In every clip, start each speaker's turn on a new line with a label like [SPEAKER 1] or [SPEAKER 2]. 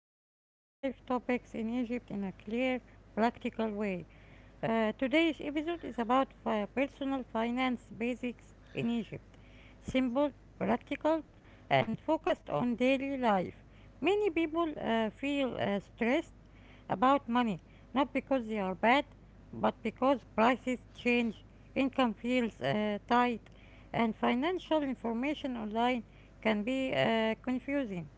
[SPEAKER 1] real life topics in Egypt in a clear, practical way. Today's episode is about personal finance basics in Egypt. Simple, practical, and focused on daily life. Many people feel stressed about money, not because they are bad, but because prices change, income feels tight, and financial information online can be confusing.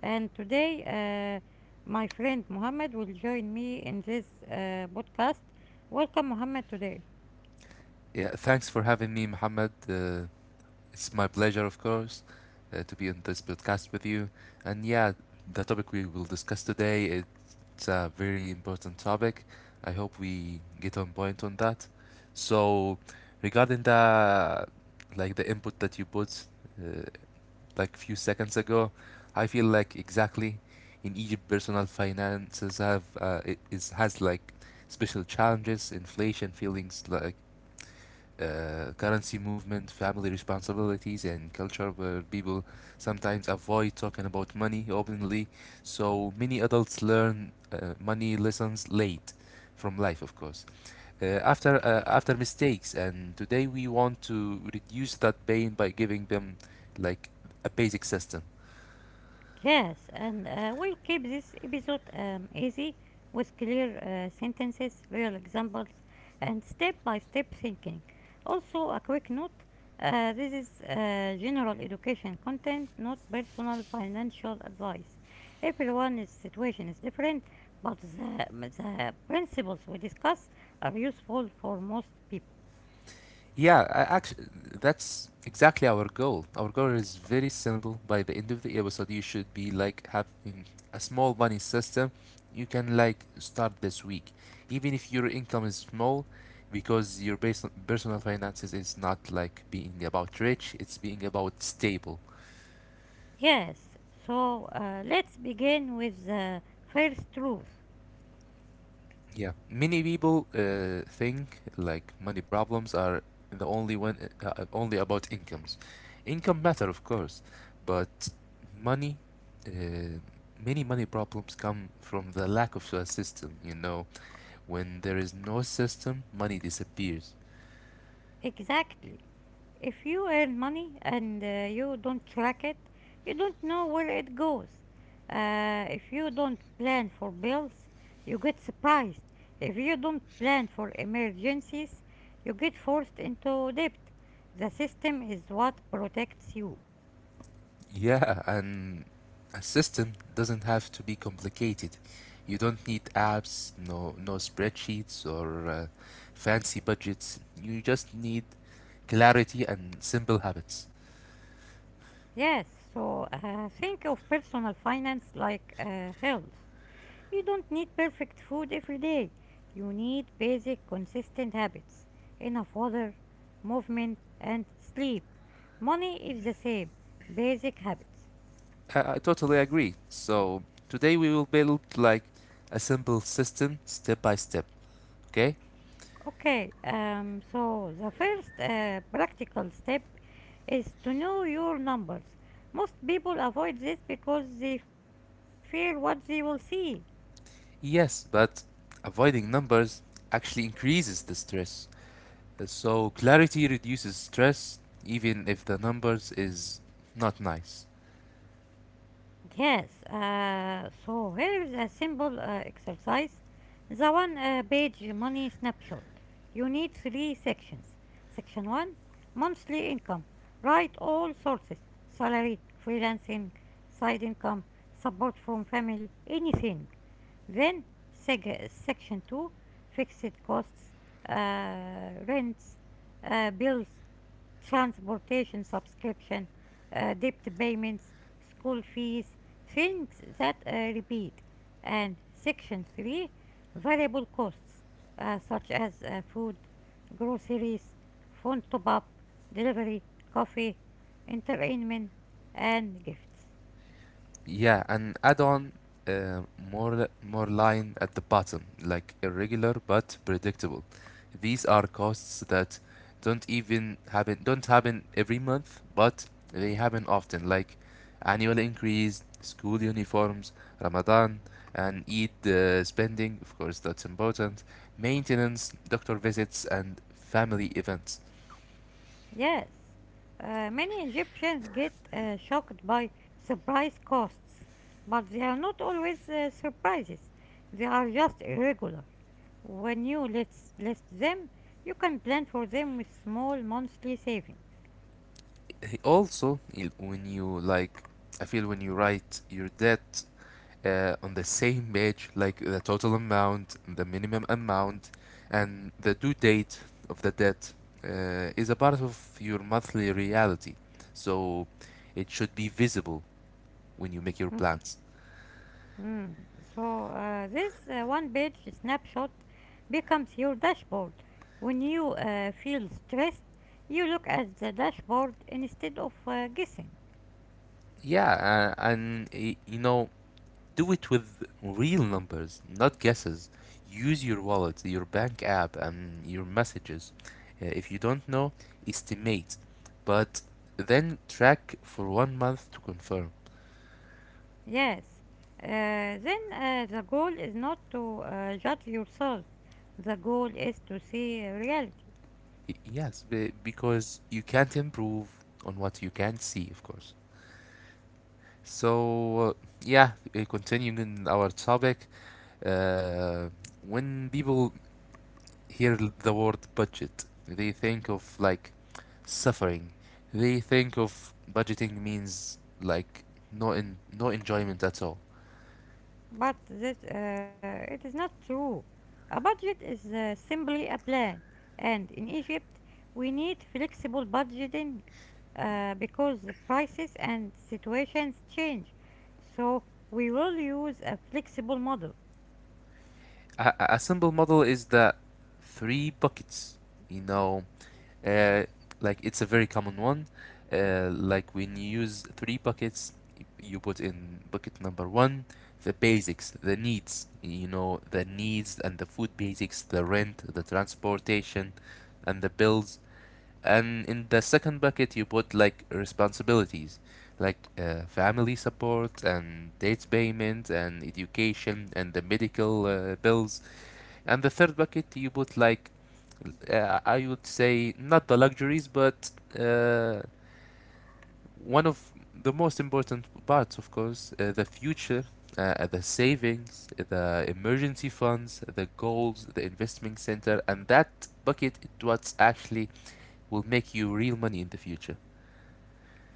[SPEAKER 1] And today, my friend Mohammed will join me in this podcast. Welcome, Mohammed, today.
[SPEAKER 2] Yeah, thanks for having me, Mohammed. It's my pleasure, of course, to be on this podcast with you. And yeah, the topic we will discuss today, it's a very important topic. I hope we get on point on that. So, regarding the like the input that you put, uh, like few seconds ago, I feel like exactly in Egypt, personal finances have it is has like special challenges, inflation, feelings like currency movement, family responsibilities, and culture where people sometimes avoid talking about money openly. So many adults learn money lessons late from life, of course, after mistakes. And today we want to reduce that pain by giving them like a basic system.
[SPEAKER 1] Yes, and we'll keep this episode easy with clear sentences, real examples, and step by step thinking. Also, a quick note, this is general education content, not personal financial advice. Everyone's situation is different, but the principles we discuss are useful for most people.
[SPEAKER 2] Yeah, actually, that's exactly our goal. Our goal is very simple. By the end of the episode, you should be like having a small money system you can like start this week, even if your income is small, because your personal finances is not like being about rich. It's being about stable.
[SPEAKER 1] Yes, so let's begin with the first truth.
[SPEAKER 2] Yeah, many people think like money problems are the only one only about incomes. Income matter, of course, but money, uh, many money problems come from the lack of a system. You know, when there is no system, money disappears.
[SPEAKER 1] Exactly. If you earn money and you don't track it, you don't know where it goes. If you don't plan for bills, you get surprised. If you don't plan for emergencies, you get forced into debt. The system is what protects you.
[SPEAKER 2] Yeah, and a system doesn't have to be complicated. You don't need apps, no spreadsheets or fancy budgets. You just need clarity and simple habits.
[SPEAKER 1] Yes, so think of personal finance like health. You don't need perfect food every day. You need basic, consistent habits, enough water, movement, and sleep. Money is the same, basic habits.
[SPEAKER 2] I totally agree. So today we will build like a simple system step by step, okay?
[SPEAKER 1] Okay, so the first practical step is to know your numbers. Most people avoid this because they fear what they will see.
[SPEAKER 2] Yes, but avoiding numbers actually increases the stress. So clarity reduces stress even if the numbers is not nice.
[SPEAKER 1] Yes, so here is a simple exercise. The one page money snapshot. You need three sections. Section 1, monthly income. Write all sources: salary, freelancing, side income, support from family, anything. Then section 2, fixed costs, rents, bills, transportation subscription, debt payments, school fees, things that repeat. And section 3, variable costs such as food, groceries, phone top up, delivery, coffee, entertainment, and gifts.
[SPEAKER 2] Yeah, and add on uh, more line at the bottom, like irregular but predictable. These are costs that don't happen every month, but they happen often, like annual increase, school uniforms, Ramadan, and Eid spending. Of course, that's important. Maintenance, doctor visits, and family events.
[SPEAKER 1] Yes, many Egyptians get shocked by surprise costs, but they are not always surprises, they are just irregular. When you list them, you can plan for them with small monthly saving.
[SPEAKER 2] Also, when you like, I feel when you write your debt on the same page, like the total amount, the minimum amount, and the due date of the debt is a part of your monthly reality. So it should be visible when you make your
[SPEAKER 1] Mm,
[SPEAKER 2] plans.
[SPEAKER 1] mm. So this one-page snapshot becomes your dashboard. When you feel stressed, you look at the dashboard instead of guessing.
[SPEAKER 2] Yeah, and you know, do it with real numbers, not guesses. Use your wallet, your bank app, and your messages. If you don't know, estimate, but then track for one month to confirm.
[SPEAKER 1] Yes. Uh, then the goal is not to judge yourself. The goal is to see reality.
[SPEAKER 2] Yes, because you can't improve on what you can't see, of course. So, yeah, continuing in our topic, uh, when people hear the word budget, they think of like suffering. They think of budgeting means like no enjoyment at all.
[SPEAKER 1] But this, it is not true. A budget is simply a plan, and in Egypt, we need flexible budgeting because the prices and situations change. So, we will use a flexible model.
[SPEAKER 2] A simple model is the three buckets, you know. Uh, like it's a very common one. Like when you use three buckets, you put in bucket number one the basics, the needs. You know the needs and the food basics, the rent, the transportation, and the bills. And in the second bucket, you put like responsibilities, like family support and debt payment and education and the medical bills, and the third bucket, you put like, I would say, not the luxuries, but uh, one of the most important parts, of course, the future, the savings, the emergency funds, the goals, the investment center, and that bucket is what actually will make you real money in the future.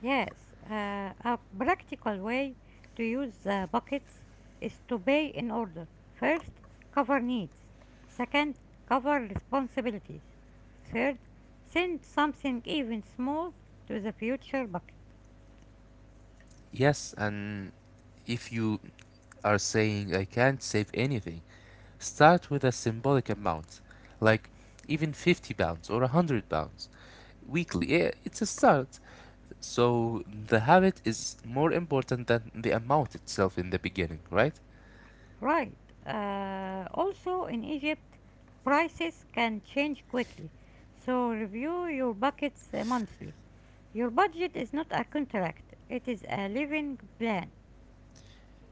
[SPEAKER 1] Yes, a practical way to use the buckets is to pay in order. First, cover needs. Second, cover responsibilities. Third, send something, even small, to the future bucket.
[SPEAKER 2] Yes, and if you are saying I can't save anything, start with a symbolic amount, like even 50 pounds or 100 pounds weekly. Yeah, it's a start. So the habit is more important than the amount itself in the beginning, right?
[SPEAKER 1] Right. Also, in Egypt, prices can change quickly, so review your buckets monthly. Your budget is not a contract, it is a living plan.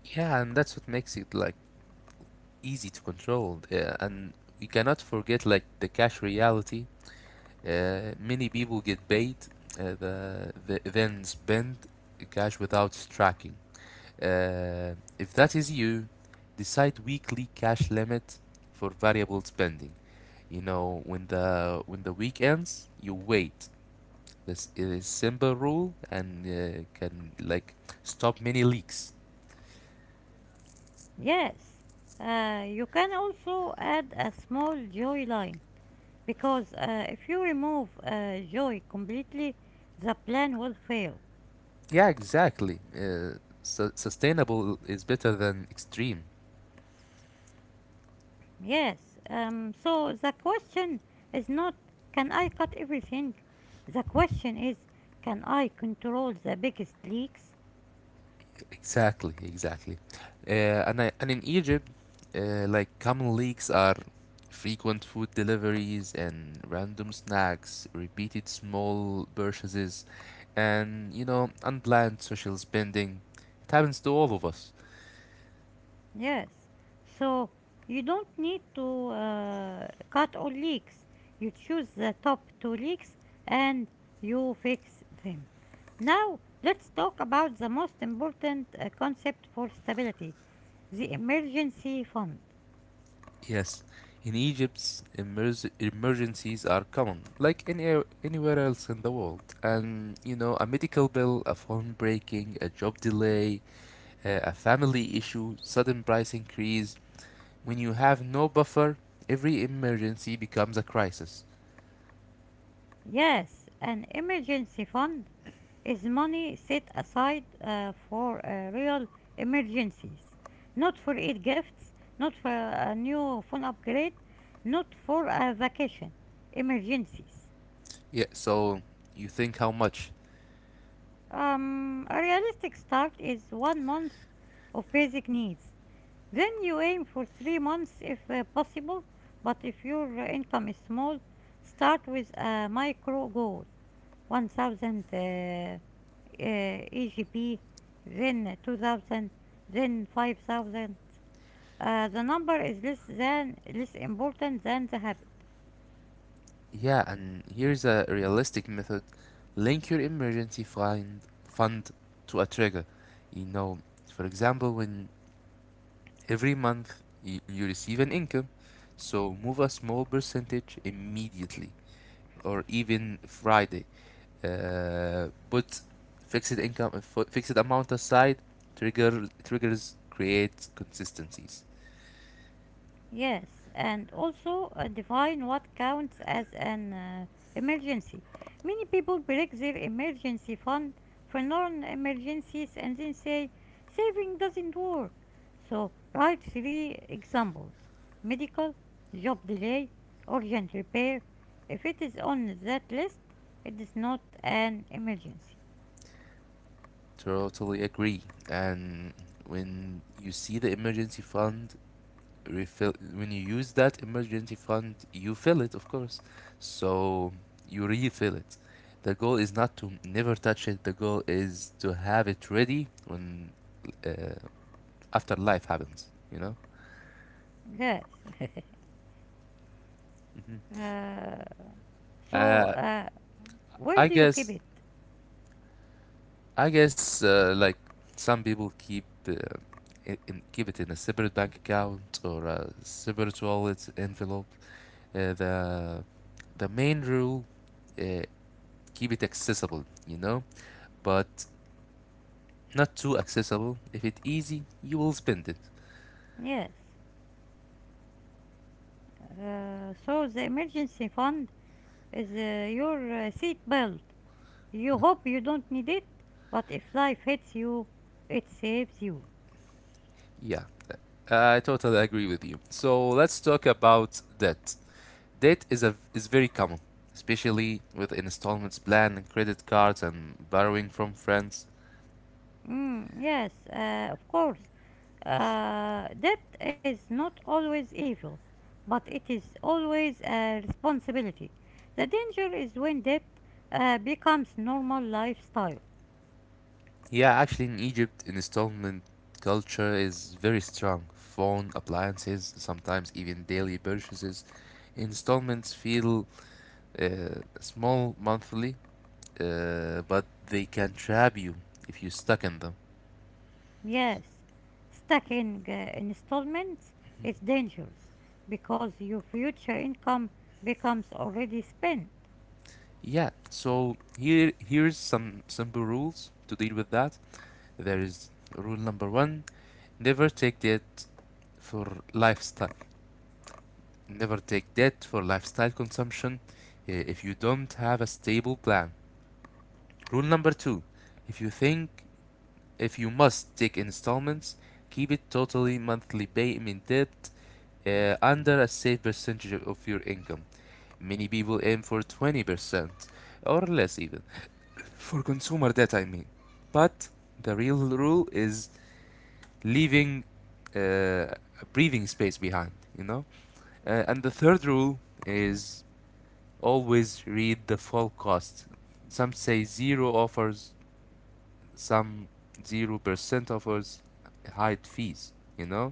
[SPEAKER 2] Yeah, and that's what makes it like easy to control. Yeah, and we cannot forget like the cash reality. Many people get paid, the then spend cash without tracking. Uh, if that is you, decide weekly cash limit for variable spending. You know, when the week ends, you wait this simple rule and can like stop many leaks.
[SPEAKER 1] Yes, you can also add a small joy line because if you remove joy completely, the plan will fail.
[SPEAKER 2] Yeah, exactly. Sustainable is better than extreme.
[SPEAKER 1] Yes, so the question is not, can I cut everything? The question is, can I control the biggest leaks?
[SPEAKER 2] Exactly, exactly. Uh, and and in Egypt, like common leaks are frequent food deliveries and random snacks, repeated small purchases, and you know unplanned social spending. It happens to all of us.
[SPEAKER 1] Yes. So you don't need to cut all leaks. You choose the top two leaks and you fix them. Now let's talk about the most important concept for stability, the emergency fund.
[SPEAKER 2] Yes, in Egypt, emergencies are common, like anywhere else in the world. And you know, a medical bill, a phone breaking, a job delay, a family issue, sudden price increase. When you have no buffer, every emergency becomes a crisis.
[SPEAKER 1] Yes, an emergency fund is money set aside for real emergencies, not for Eid gifts, not for a new phone upgrade, not for a vacation. Emergencies.
[SPEAKER 2] Yeah, so you think how much?
[SPEAKER 1] A realistic start is 1 month of basic needs. Then you aim for 3 months if possible, but if your income is small, start with a micro goal. 1000 EGP, then 2000, then 5000. The number is less than less important than the habit.
[SPEAKER 2] Yeah, and here's a realistic method: link your emergency fund to a trigger. You know, for example, when every month you receive an income, so move a small percentage immediately or even Friday. Put fixed income, fixed amount aside. Triggers create consistencies.
[SPEAKER 1] Yes, and also define what counts as an emergency. Many people break their emergency fund for non emergencies and then say saving doesn't work. So, write three examples: medical, job delay, urgent repair. If it is on that list, it is not an emergency.
[SPEAKER 2] Totally agree. And when you see the emergency fund refill, when you use that emergency fund you fill it, of course, so you refill it. The goal is not to never touch it, the goal is to have it ready when uh, after life happens, you know.
[SPEAKER 1] Yes.
[SPEAKER 2] hmm
[SPEAKER 1] uh, so,
[SPEAKER 2] uh,
[SPEAKER 1] uh, where
[SPEAKER 2] I
[SPEAKER 1] do you keep
[SPEAKER 2] guess
[SPEAKER 1] it?
[SPEAKER 2] like some people keep keep it in a separate bank account or a separate wallet envelope. Uh, the the main rule, uh, keep it accessible. You know, but not too accessible. If it's easy, you will spend it.
[SPEAKER 1] Yes. So the emergency fund is your seat belt. You hope you don't need it, but if life hits you, it saves you.
[SPEAKER 2] Yeah, I totally agree with you. So let's talk about debt. Debt is very common, especially with installments plan and credit cards and borrowing from friends.
[SPEAKER 1] Mm, yes, of course. Debt is not always evil, but it is always a responsibility. The danger is when debt becomes normal lifestyle.
[SPEAKER 2] Yeah, actually in Egypt, installment culture is very strong. Phone, appliances, sometimes even daily purchases. Installments feel small monthly, but they can trap you if you're stuck in them.
[SPEAKER 1] Yes, stacking installments is dangerous because your future income becomes already spent.
[SPEAKER 2] Yeah, so here here's some simple rules to deal with that. There is rule number one: never take debt for lifestyle. Never take debt for lifestyle consumption if you don't have a stable plan. Rule number two: if you think if you must take installments, keep it totally monthly payment debt under a safe percentage of your income. Many people aim for 20% or less even, for consumer data I mean. But the real rule is leaving uh, a breathing space behind, you know. And the third rule is always read the full cost. Some say zero offers some 0% offers. Hide fees, you know.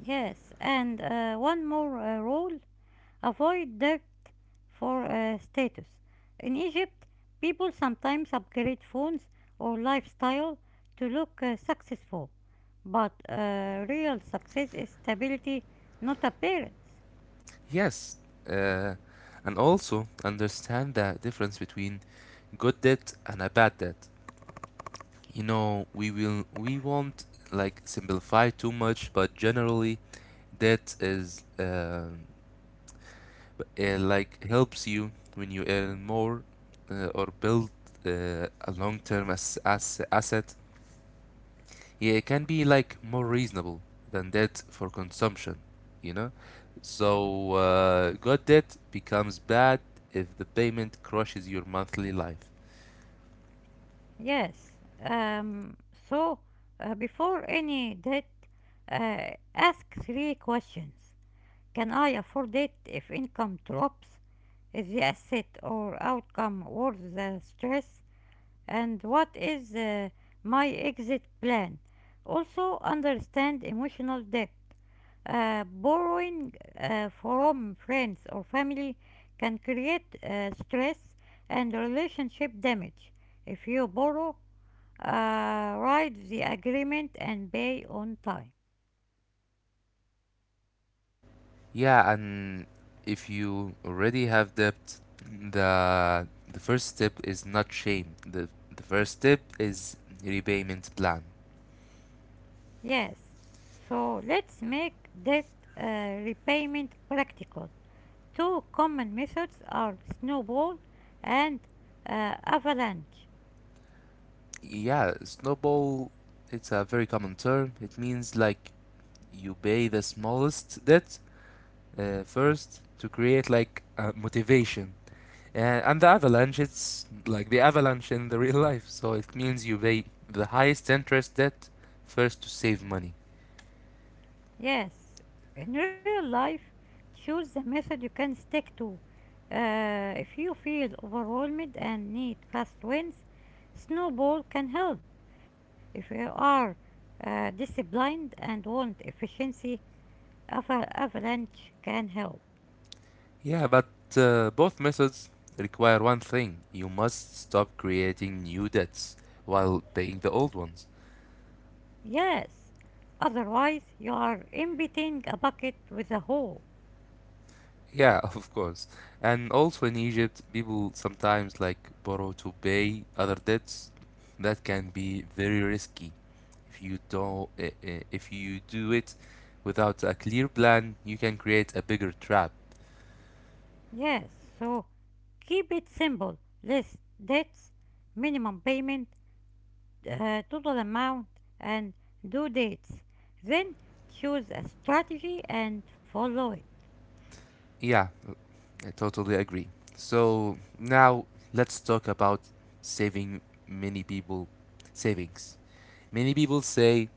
[SPEAKER 1] Yes, and one more rule, avoid debt for status. In Egypt, people sometimes upgrade phones or lifestyle to look successful, but real success is stability, not appearance.
[SPEAKER 2] Yes, uh, and also understand the difference between good debt and a bad debt. You know, we won't like simplify too much, but generally that is like helps you when you earn more or build uh, a long-term as asset. Yeah, it can be like more reasonable than that for consumption, you know? So good debt becomes bad if the payment crushes your monthly life.
[SPEAKER 1] Yes. Um, so before any debt, ask three questions. Can I afford it if income drops? Is the asset or outcome worth the stress? And what is my exit plan? Also, understand emotional debt. Borrowing from friends or family can create stress and relationship damage. If you borrow, write the agreement and pay on time.
[SPEAKER 2] Yeah, and if you already have debt, the first step is not shame. The first step is repayment plan.
[SPEAKER 1] Yes, so let's make debt repayment practical. Two common methods are snowball and avalanche.
[SPEAKER 2] Yeah, snowball, it's a very common term. It means like you pay the smallest debt first to create like motivation. Uh, and the avalanche, it's like the avalanche in the real life. So it means you pay the highest interest debt first to save money.
[SPEAKER 1] Yes, in real life, choose the method you can stick to. If you feel overwhelmed and need fast wins, snowball can help. If you are disciplined and want efficiency, Av- avalanche can help.
[SPEAKER 2] Yeah, but both methods require one thing: you must stop creating new debts while paying the old ones.
[SPEAKER 1] Yes. Otherwise, you are emptying a bucket with a hole.
[SPEAKER 2] Yeah, of course. And also in Egypt, people sometimes like borrow to pay other debts. That can be very risky. If you don't, if you do it without a clear plan, you can create a bigger trap.
[SPEAKER 1] Yes. So keep it simple. List debts, minimum payment, total amount, and due dates. Then choose a strategy and follow it.
[SPEAKER 2] Yeah, I totally agree. So now let's talk about saving many people savings. Many people say,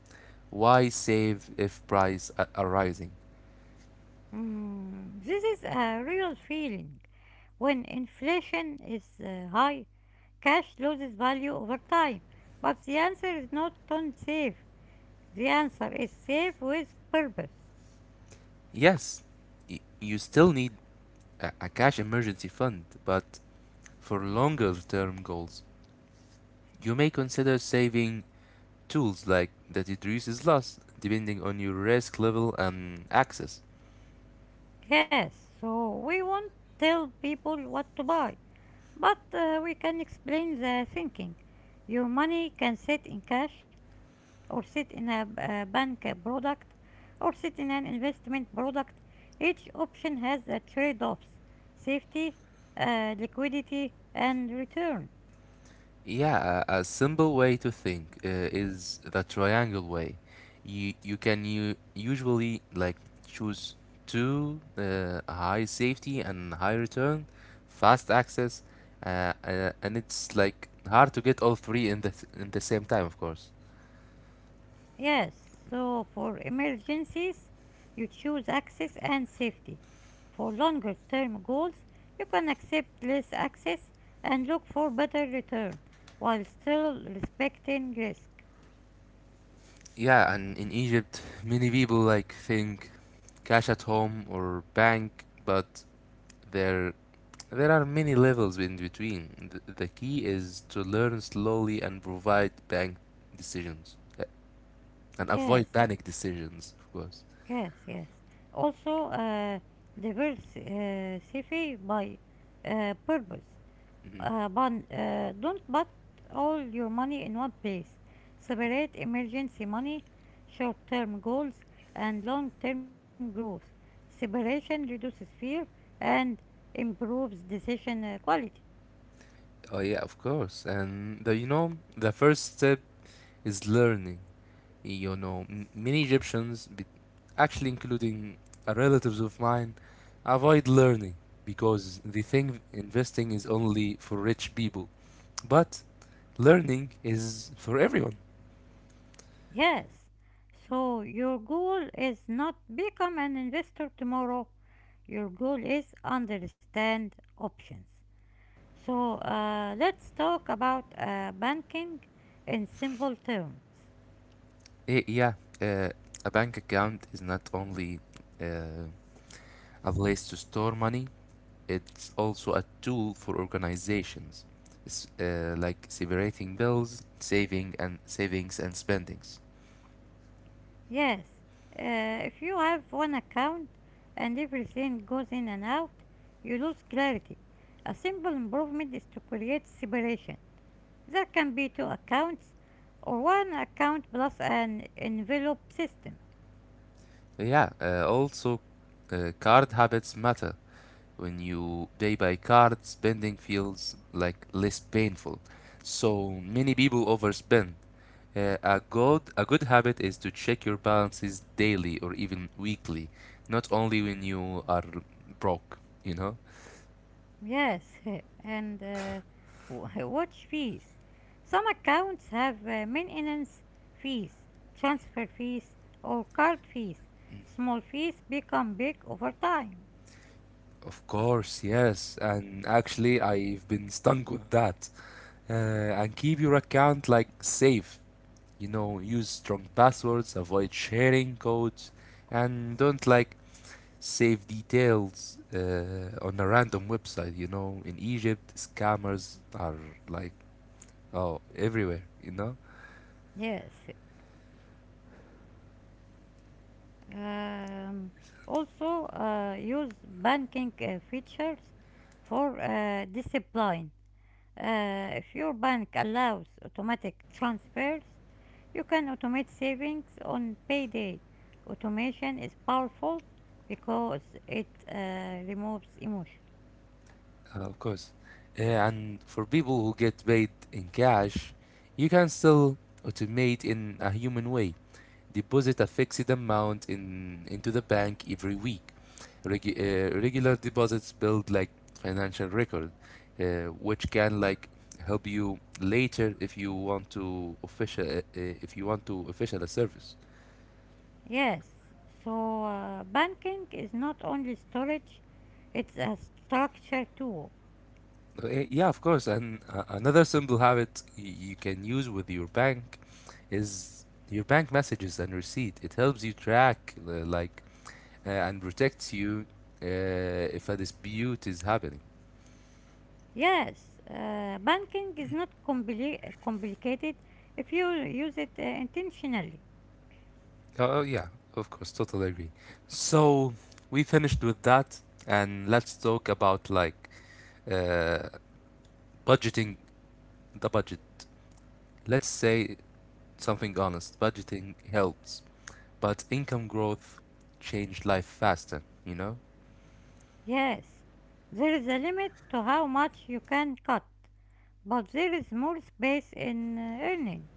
[SPEAKER 2] why save if prices are rising?
[SPEAKER 1] Mm, this is a real feeling. When inflation is high, cash loses value over time. But the answer is not don't save. The answer is safe with purpose.
[SPEAKER 2] Yes, you still need a cash emergency fund, but for longer term goals, you may consider saving tools like that it reduces loss depending on your risk level and access.
[SPEAKER 1] Yes, so we won't tell people what to buy, but we can explain the thinking. Your money can sit in cash, or sit in a bank product, or sit in an investment product. Each option has the trade offs: safety, liquidity, and return.
[SPEAKER 2] Yeah, a simple way to think is the triangle way. You usually like choose two, high safety and high return, fast access, and it's like hard to get all three in the same time, of course.
[SPEAKER 1] Yes, so for emergencies, you choose access and safety. For longer term goals, you can accept less access and look for better return while still respecting risk.
[SPEAKER 2] Yeah, and in Egypt, many people like think cash at home or bank, but There, there are many levels in between. The key is to learn slowly and provide bank decisions and avoid
[SPEAKER 1] Yes,
[SPEAKER 2] panic decisions, of course.
[SPEAKER 1] yes, yes. Also, diversify by purpose.
[SPEAKER 2] Mhm.
[SPEAKER 1] But don't put all your money in one place. Separate emergency money, short term goals, and long term growth. Separation reduces fear and improves decision quality.
[SPEAKER 2] Oh yeah, of course. And the, you know, the first step is learning. You know, many Egyptians, actually including relatives of mine, avoid learning because they think investing is only for rich people. But learning is for everyone.
[SPEAKER 1] Yes, so your goal is not become an investor tomorrow. Your goal is understand options. So let's talk about banking in simple terms.
[SPEAKER 2] Eh, yeah, uh, a bank account is not only uh, a place to store money, it's also a tool for organizations, like separating bills, saving and savings and spendings.
[SPEAKER 1] Yes, if you have one account and everything goes in and out, you lose clarity. A simple improvement is to create separation. There can be two accounts or one account plus an envelope system.
[SPEAKER 2] Yeah, also card habits matter. When you pay by card, spending feels like less painful. So many people overspend. A good habit is to check your balances daily or even weekly, not only when you are broke, you know?
[SPEAKER 1] Yes, and watch fees. Some accounts have maintenance fees, transfer fees, or card fees. Small fees become big over time.
[SPEAKER 2] Of course, yes. And actually, I've been stung with that. Uh, and keep your account like safe. You know, use strong passwords, avoid sharing codes, and don't like save details on a random website. You know, in Egypt, scammers are like oh everywhere. You know.
[SPEAKER 1] Yes, Um, also, use banking features for discipline. If your bank allows automatic transfers, you can automate savings on payday. Automation is powerful because it removes emotion.
[SPEAKER 2] Of course. And for people who get paid in cash, you can still automate in a human way. Deposit a fixed amount in into the bank every week. Regular deposits build like financial record, uh, which can like help you later if you want to official if you want to official a service.
[SPEAKER 1] Yes, so banking is not only storage, it's a structure too.
[SPEAKER 2] Yeah, of course. And another simple habit you can use with your bank is your bank messages and receipt. It helps you track, and protects you uh, if a dispute is happening.
[SPEAKER 1] Yes, banking is not complicated if you use it intentionally.
[SPEAKER 2] Oh, oh, yeah, of course, totally agree. So we finished with that, and let's talk about like uh, budgeting the budget. Let's say something honest. Budgeting helps, but income growth changed life faster. You know.
[SPEAKER 1] Yes, there is a limit to how much you can cut, but there is more space in earning.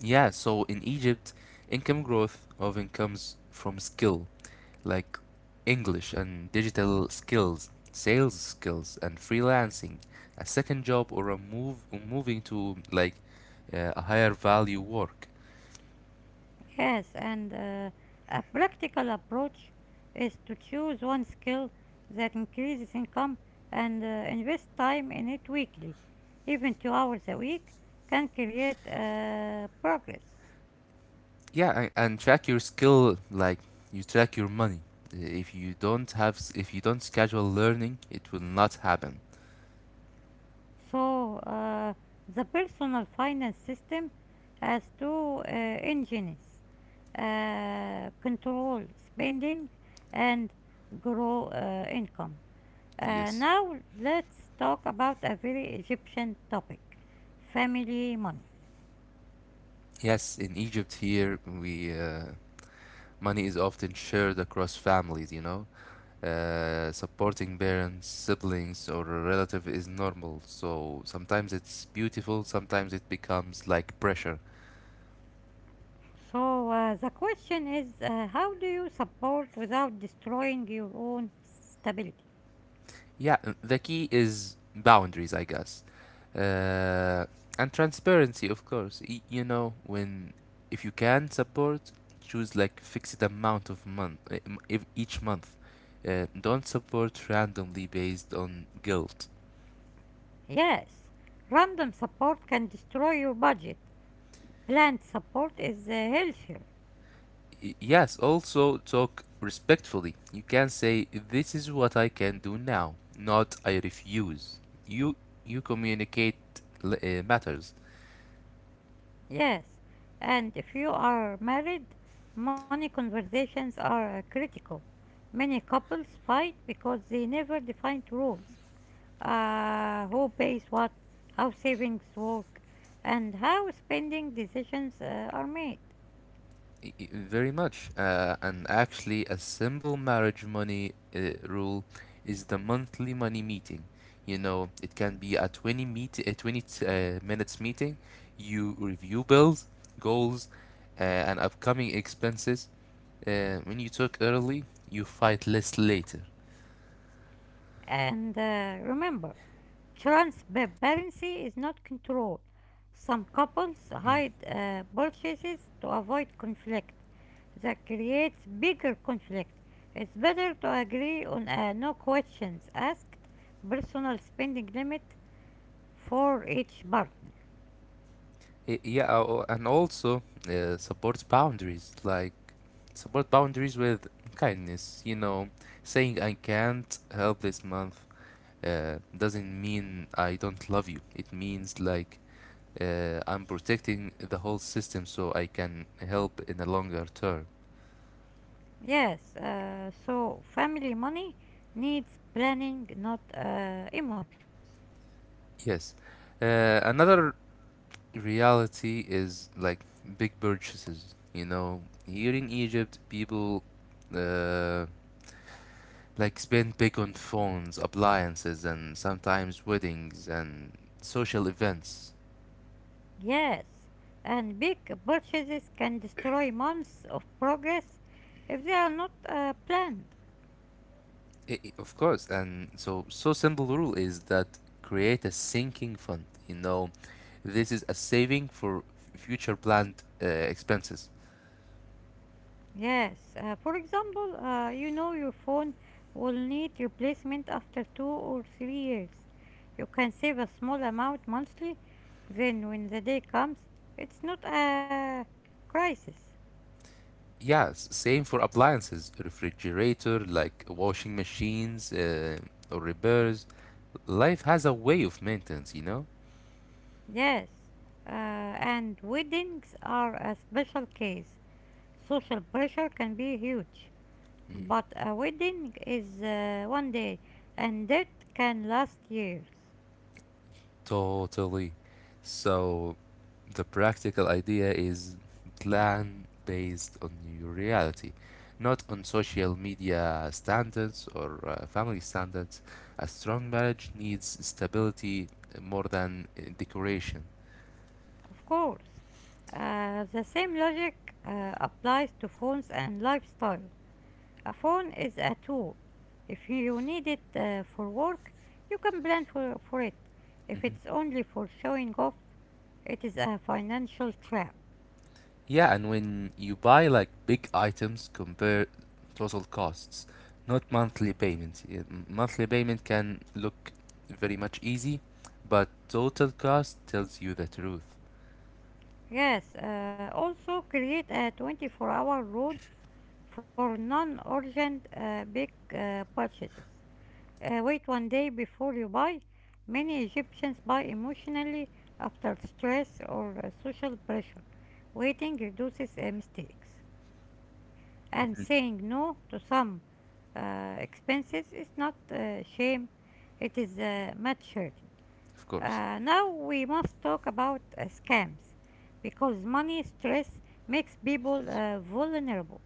[SPEAKER 2] Yeah, so in Egypt, income growth often comes from skill, like English and digital skills, sales skills, and freelancing, a second job or a move moving to like a higher value work.
[SPEAKER 1] Yes, and a practical approach is to choose one skill that increases income and invest time in it weekly. Even 2 hours a week can create progress.
[SPEAKER 2] Yeah, and track your skill like you track your money. If you don't have if you don't schedule learning, it will not happen.
[SPEAKER 1] So, the personal finance system has two engines, control spending and grow income.
[SPEAKER 2] Yes.
[SPEAKER 1] Now, let's talk about a very Egyptian topic: family money.
[SPEAKER 2] Yes, in Egypt here, we money is often shared across families, you know, supporting parents, siblings, or a relative is normal. So sometimes it's beautiful, sometimes it becomes like pressure.
[SPEAKER 1] So, the question is, how do you support without destroying your own stability?
[SPEAKER 2] Yeah, the key is boundaries, I guess. Uh, and transparency, of course. You know, when if you can support, choose like fixed amount of month if each month. Don't support randomly based on guilt.
[SPEAKER 1] Yes, random support can destroy your budget, plant support is healthier.
[SPEAKER 2] Yes, also talk respectfully. You can say this is what I can do now, not I refuse. You you communicate matters.
[SPEAKER 1] Yes, and if you are married, money conversations are critical. Many couples fight because they never defined rules. Who pays what, how savings work, and how spending decisions are made.
[SPEAKER 2] Very much. And actually a simple marriage money rule is the monthly money meeting. You know, it can be a 20 minutes meeting. You review bills, goals, and upcoming expenses. When you talk early, you fight less later.
[SPEAKER 1] And remember, transparency is not control. Some couples
[SPEAKER 2] Mm.
[SPEAKER 1] hide purchases to avoid conflict. That creates bigger conflict. It's better to agree on a no questions asked personal spending limit for each partner.
[SPEAKER 2] Yeah, oh, and also uh, supports boundaries, like support boundaries with kindness. You know, saying I can't help this month doesn't mean I don't love you. It means like I'm protecting the whole system so I can help in the longer term.
[SPEAKER 1] Yes, so family money needs planning, not emotions.
[SPEAKER 2] Yes. Another reality is like big purchases. You know, here in Egypt, people. Uh, like spend big on phones, appliances, and sometimes weddings and social events.
[SPEAKER 1] Yes, and big purchases can destroy months of progress if they are not planned.
[SPEAKER 2] Of course, and so simple rule is that create a sinking fund. You know, this is a saving for future planned expenses.
[SPEAKER 1] Yes, for example, you know your phone will need replacement after 2 or 3 years. You can save a small amount monthly, then when the day comes, it's not a crisis.
[SPEAKER 2] Yes, same for appliances, refrigerator, like washing machines or repairs. Life has a way of maintenance, you know.
[SPEAKER 1] Yes, and weddings are a special case. Social pressure can be huge, but a wedding is one day, and that can last years.
[SPEAKER 2] Totally. So the practical idea is plan based on your reality, not on social media standards or family standards. A strong marriage needs stability more than decoration.
[SPEAKER 1] Of course, the same logic applies to phones and lifestyle. A phone is a tool. If you need it for work, you can plan for it. If
[SPEAKER 2] Mhm.
[SPEAKER 1] it's only for showing off, it is a financial trap.
[SPEAKER 2] Yeah, and when you buy like big items, compare total costs, not monthly payment. Yeah, monthly payment can look very much easy, but total cost tells you the truth.
[SPEAKER 1] Yes, also create a 24-hour rule for non urgent big purchases. Wait one day before you buy. Many Egyptians buy emotionally after stress or social pressure. Waiting reduces mistakes. And
[SPEAKER 2] Mhm.
[SPEAKER 1] saying no to some expenses is not shame, it is maturity.
[SPEAKER 2] Of course.
[SPEAKER 1] Now we must talk about scams because money stress makes people vulnerable.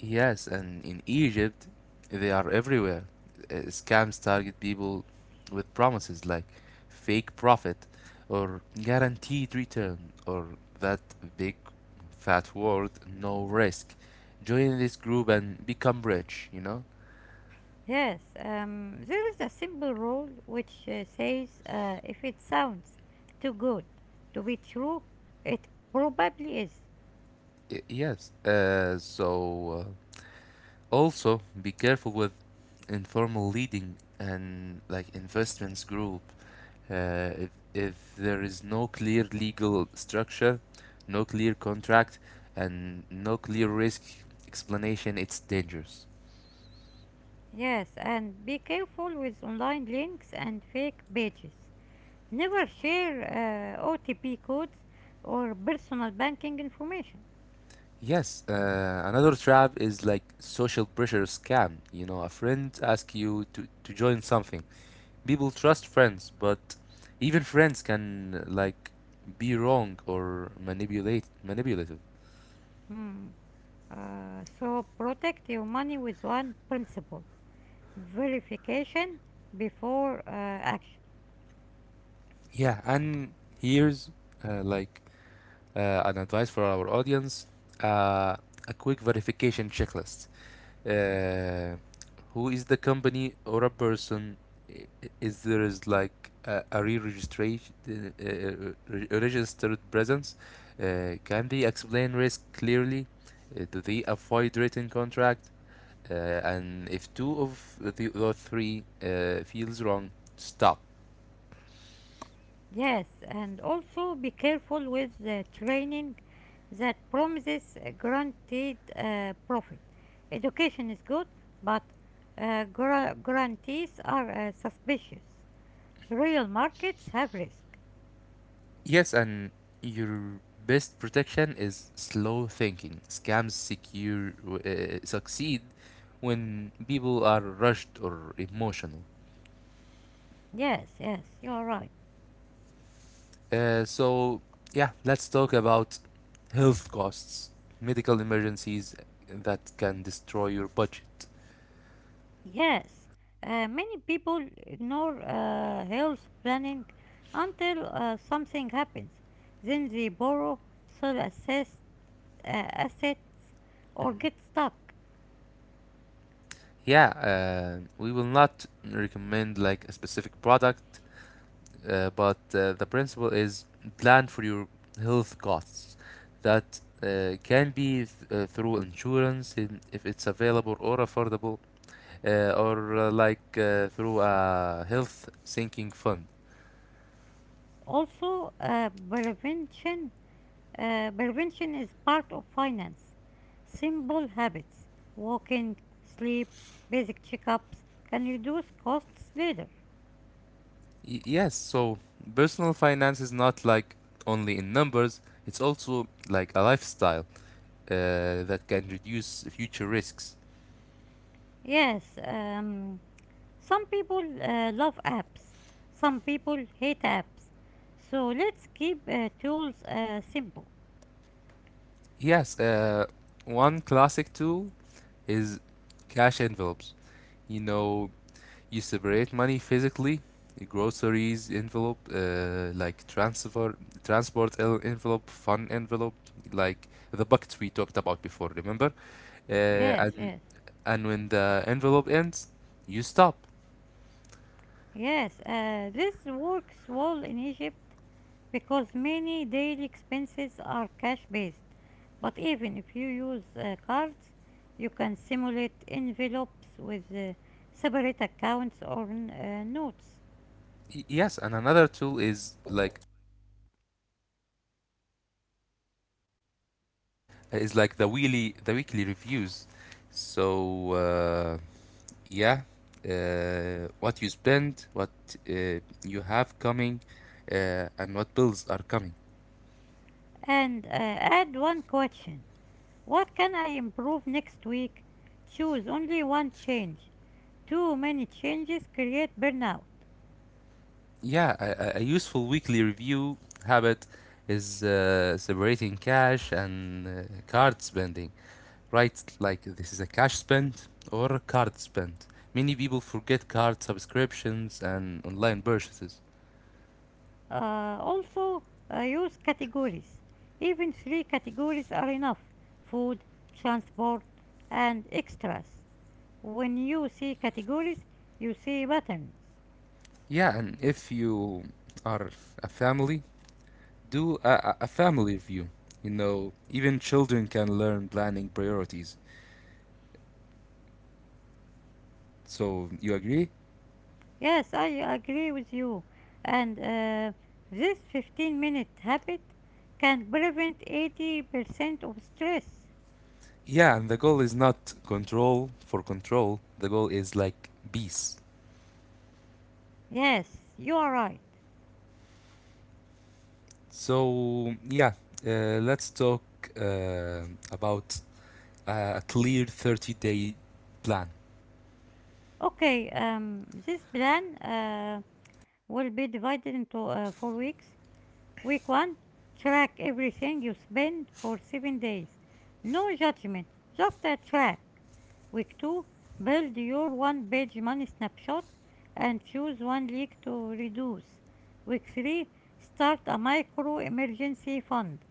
[SPEAKER 2] Yes, and in Egypt, they are everywhere. Scams target people with promises like fake profit or guaranteed return or that big fat word, no risk. Join this group and become rich, you know?
[SPEAKER 1] Yes, there is a simple rule which says if it sounds too good to be true, it probably is.
[SPEAKER 2] Yes. Also be careful with informal leading and like investments group. If there is no clear legal structure, no clear contract, and no clear risk explanation, it's dangerous.
[SPEAKER 1] Yes, and be careful with online links and fake pages. Never share OTP codes or personal banking information.
[SPEAKER 2] Yes, another trap is like social pressure scam. You know, a friend asks to join something. People trust friends, but even friends can like be wrong or manipulate manipulative.
[SPEAKER 1] Hmm. So protect your money with one principle, verification before action.
[SPEAKER 2] Yeah, and here's uh, like an advice for our audience uh, a quick verification checklist. Uh, who is the company or a person? Is there is like a re- registered presence? Can they explain risk clearly? Do they avoid written contract? Uh, and if two of the or three feels wrong, stop.
[SPEAKER 1] Yes, and also be careful with the training that promises a guaranteed profit. Education is good, but guarantees are suspicious. Real markets have risk.
[SPEAKER 2] Yes, and your best protection is slow thinking. Scams secure succeed when people are rushed or emotional.
[SPEAKER 1] Yes, yes, you are right.
[SPEAKER 2] So yeah, let's talk about health costs, medical emergencies that can destroy your budget.
[SPEAKER 1] Yes, many people ignore health planning until something happens. Then they borrow, sell assets, or
[SPEAKER 2] Mhm.
[SPEAKER 1] get stuck.
[SPEAKER 2] Yeah, we will not recommend like a specific product but the principle is plan for your health costs that can be through insurance in, if it's available or affordable or like through a health sinking fund.
[SPEAKER 1] Also, prevention is part of finance. Simple habits, walking, sleep, basic checkups can reduce costs later.
[SPEAKER 2] Yes, so personal finance is not like only in numbers, it's also like a lifestyle that can reduce future risks.
[SPEAKER 1] Yes, some people love apps, some people hate apps. So let's keep tools simple.
[SPEAKER 2] Yes, one classic tool is cash envelopes, you know. You separate money physically, groceries envelope, transport envelope, fun envelope, like the buckets we talked about before, remember?
[SPEAKER 1] Yes,
[SPEAKER 2] Uh, and
[SPEAKER 1] yes.
[SPEAKER 2] and when the envelope ends, you stop.
[SPEAKER 1] Yes, this works well in Egypt because many daily expenses are cash based. But even if you use cards, you can simulate envelopes with separate accounts or notes.
[SPEAKER 2] Yes, and another tool is like the weekly reviews. So uh, yeah, what you spend, what you have coming, and what bills are coming.
[SPEAKER 1] And add one question. What can I improve next week? Choose only one change. Too many changes create burnout.
[SPEAKER 2] Yeah, a useful weekly review habit is separating cash and card spending, right? Like this is a cash spend or a card spend. Many people forget card subscriptions and online purchases.
[SPEAKER 1] Uh, also, Use categories. Even three categories are enough: food, transport, and extras. When you see categories, you see patterns.
[SPEAKER 2] Yeah, and if you are a family, do a family review. You know, even children can learn planning priorities. So, you agree?
[SPEAKER 1] Yes, I agree with you. And this 15-minute habit can prevent 80% of stress.
[SPEAKER 2] Yeah, and the goal is not control for control. The goal is like peace.
[SPEAKER 1] Yes, you are right.
[SPEAKER 2] So yeah, let's talk uh, about a clear 30-day plan.
[SPEAKER 1] Okay, this plan will be divided into four weeks. Week one, track everything you spend for 7 days. No judgment, just a track. Week 2, build your one page money snapshot and choose one leak to reduce. Week 3, start a micro emergency fund.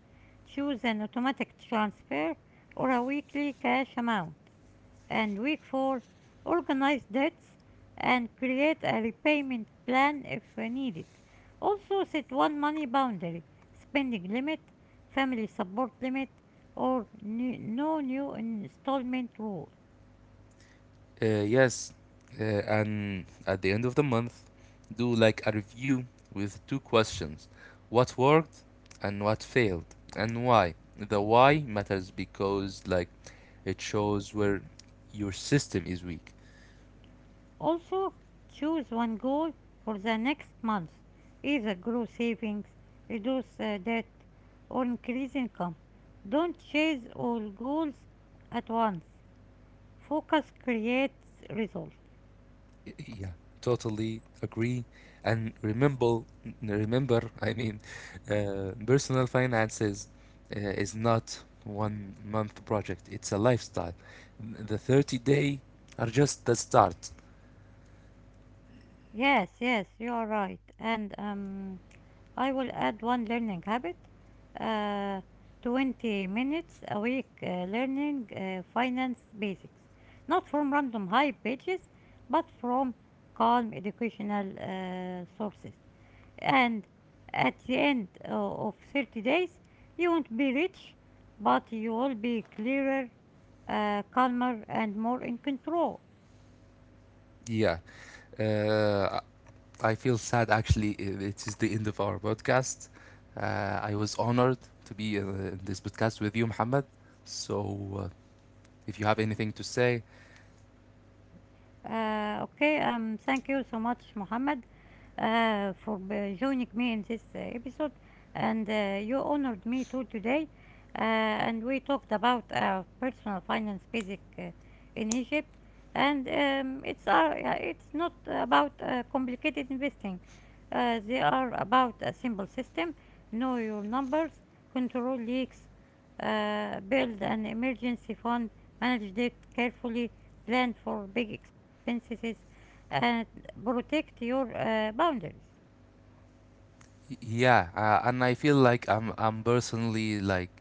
[SPEAKER 1] Choose an automatic transfer or a weekly cash amount. And week 4, organize debts and create a repayment plan if needed. Also, set one money boundary, spending limit, family support limit, or no new installment rule.
[SPEAKER 2] Yes, and at the end of the month, do like a review with two questions: what worked and what failed, and why. The why matters because like it shows where your system is weak.
[SPEAKER 1] Also, choose one goal for the next month, either grow savings, reduce debt, or increase income. Don't chase all goals at once. Focus creates results.
[SPEAKER 2] Yeah, totally agree. And remember, I mean, personal finances is not one month project. It's a lifestyle. The 30-day are just the start.
[SPEAKER 1] Yes, yes, you are right. And I will add one learning habit, uh, 20 minutes a week learning finance basics, not from random hype pages, but from calm educational sources. And at the end of 30 days, you won't be rich, but you will be clearer, calmer, and more in control.
[SPEAKER 2] Yeah, I feel sad actually. It is the end of our podcast. I was honored to be in this podcast with you, Muhammad. So, uh, if you have anything to say,
[SPEAKER 1] Okay, thank you so much, Mohammed, for joining me in this episode. And you honored me too today. Uh, and we talked about personal finance basic in Egypt. And it's not about complicated investing, they are about a simple system. Know your numbers, control leaks, build an emergency fund, manage debt carefully, plan for big expenses, and protect your boundaries.
[SPEAKER 2] Yeah, and I feel like I'm personally like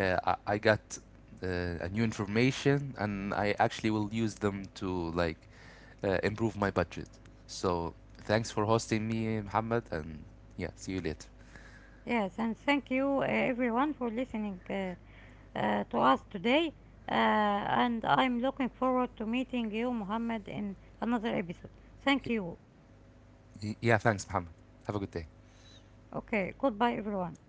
[SPEAKER 2] I got uh, a new information and I actually will use them to like improve my budget. So thanks for hosting me, Muhammad, and yeah, see you later.
[SPEAKER 1] Yes, and thank you everyone for listening to us today. And I'm looking forward to meeting you, Mohammed, in another episode. Thank
[SPEAKER 2] Y-
[SPEAKER 1] you.
[SPEAKER 2] Yeah, thanks, Muhammad. Have a good day.
[SPEAKER 1] Okay, goodbye, everyone.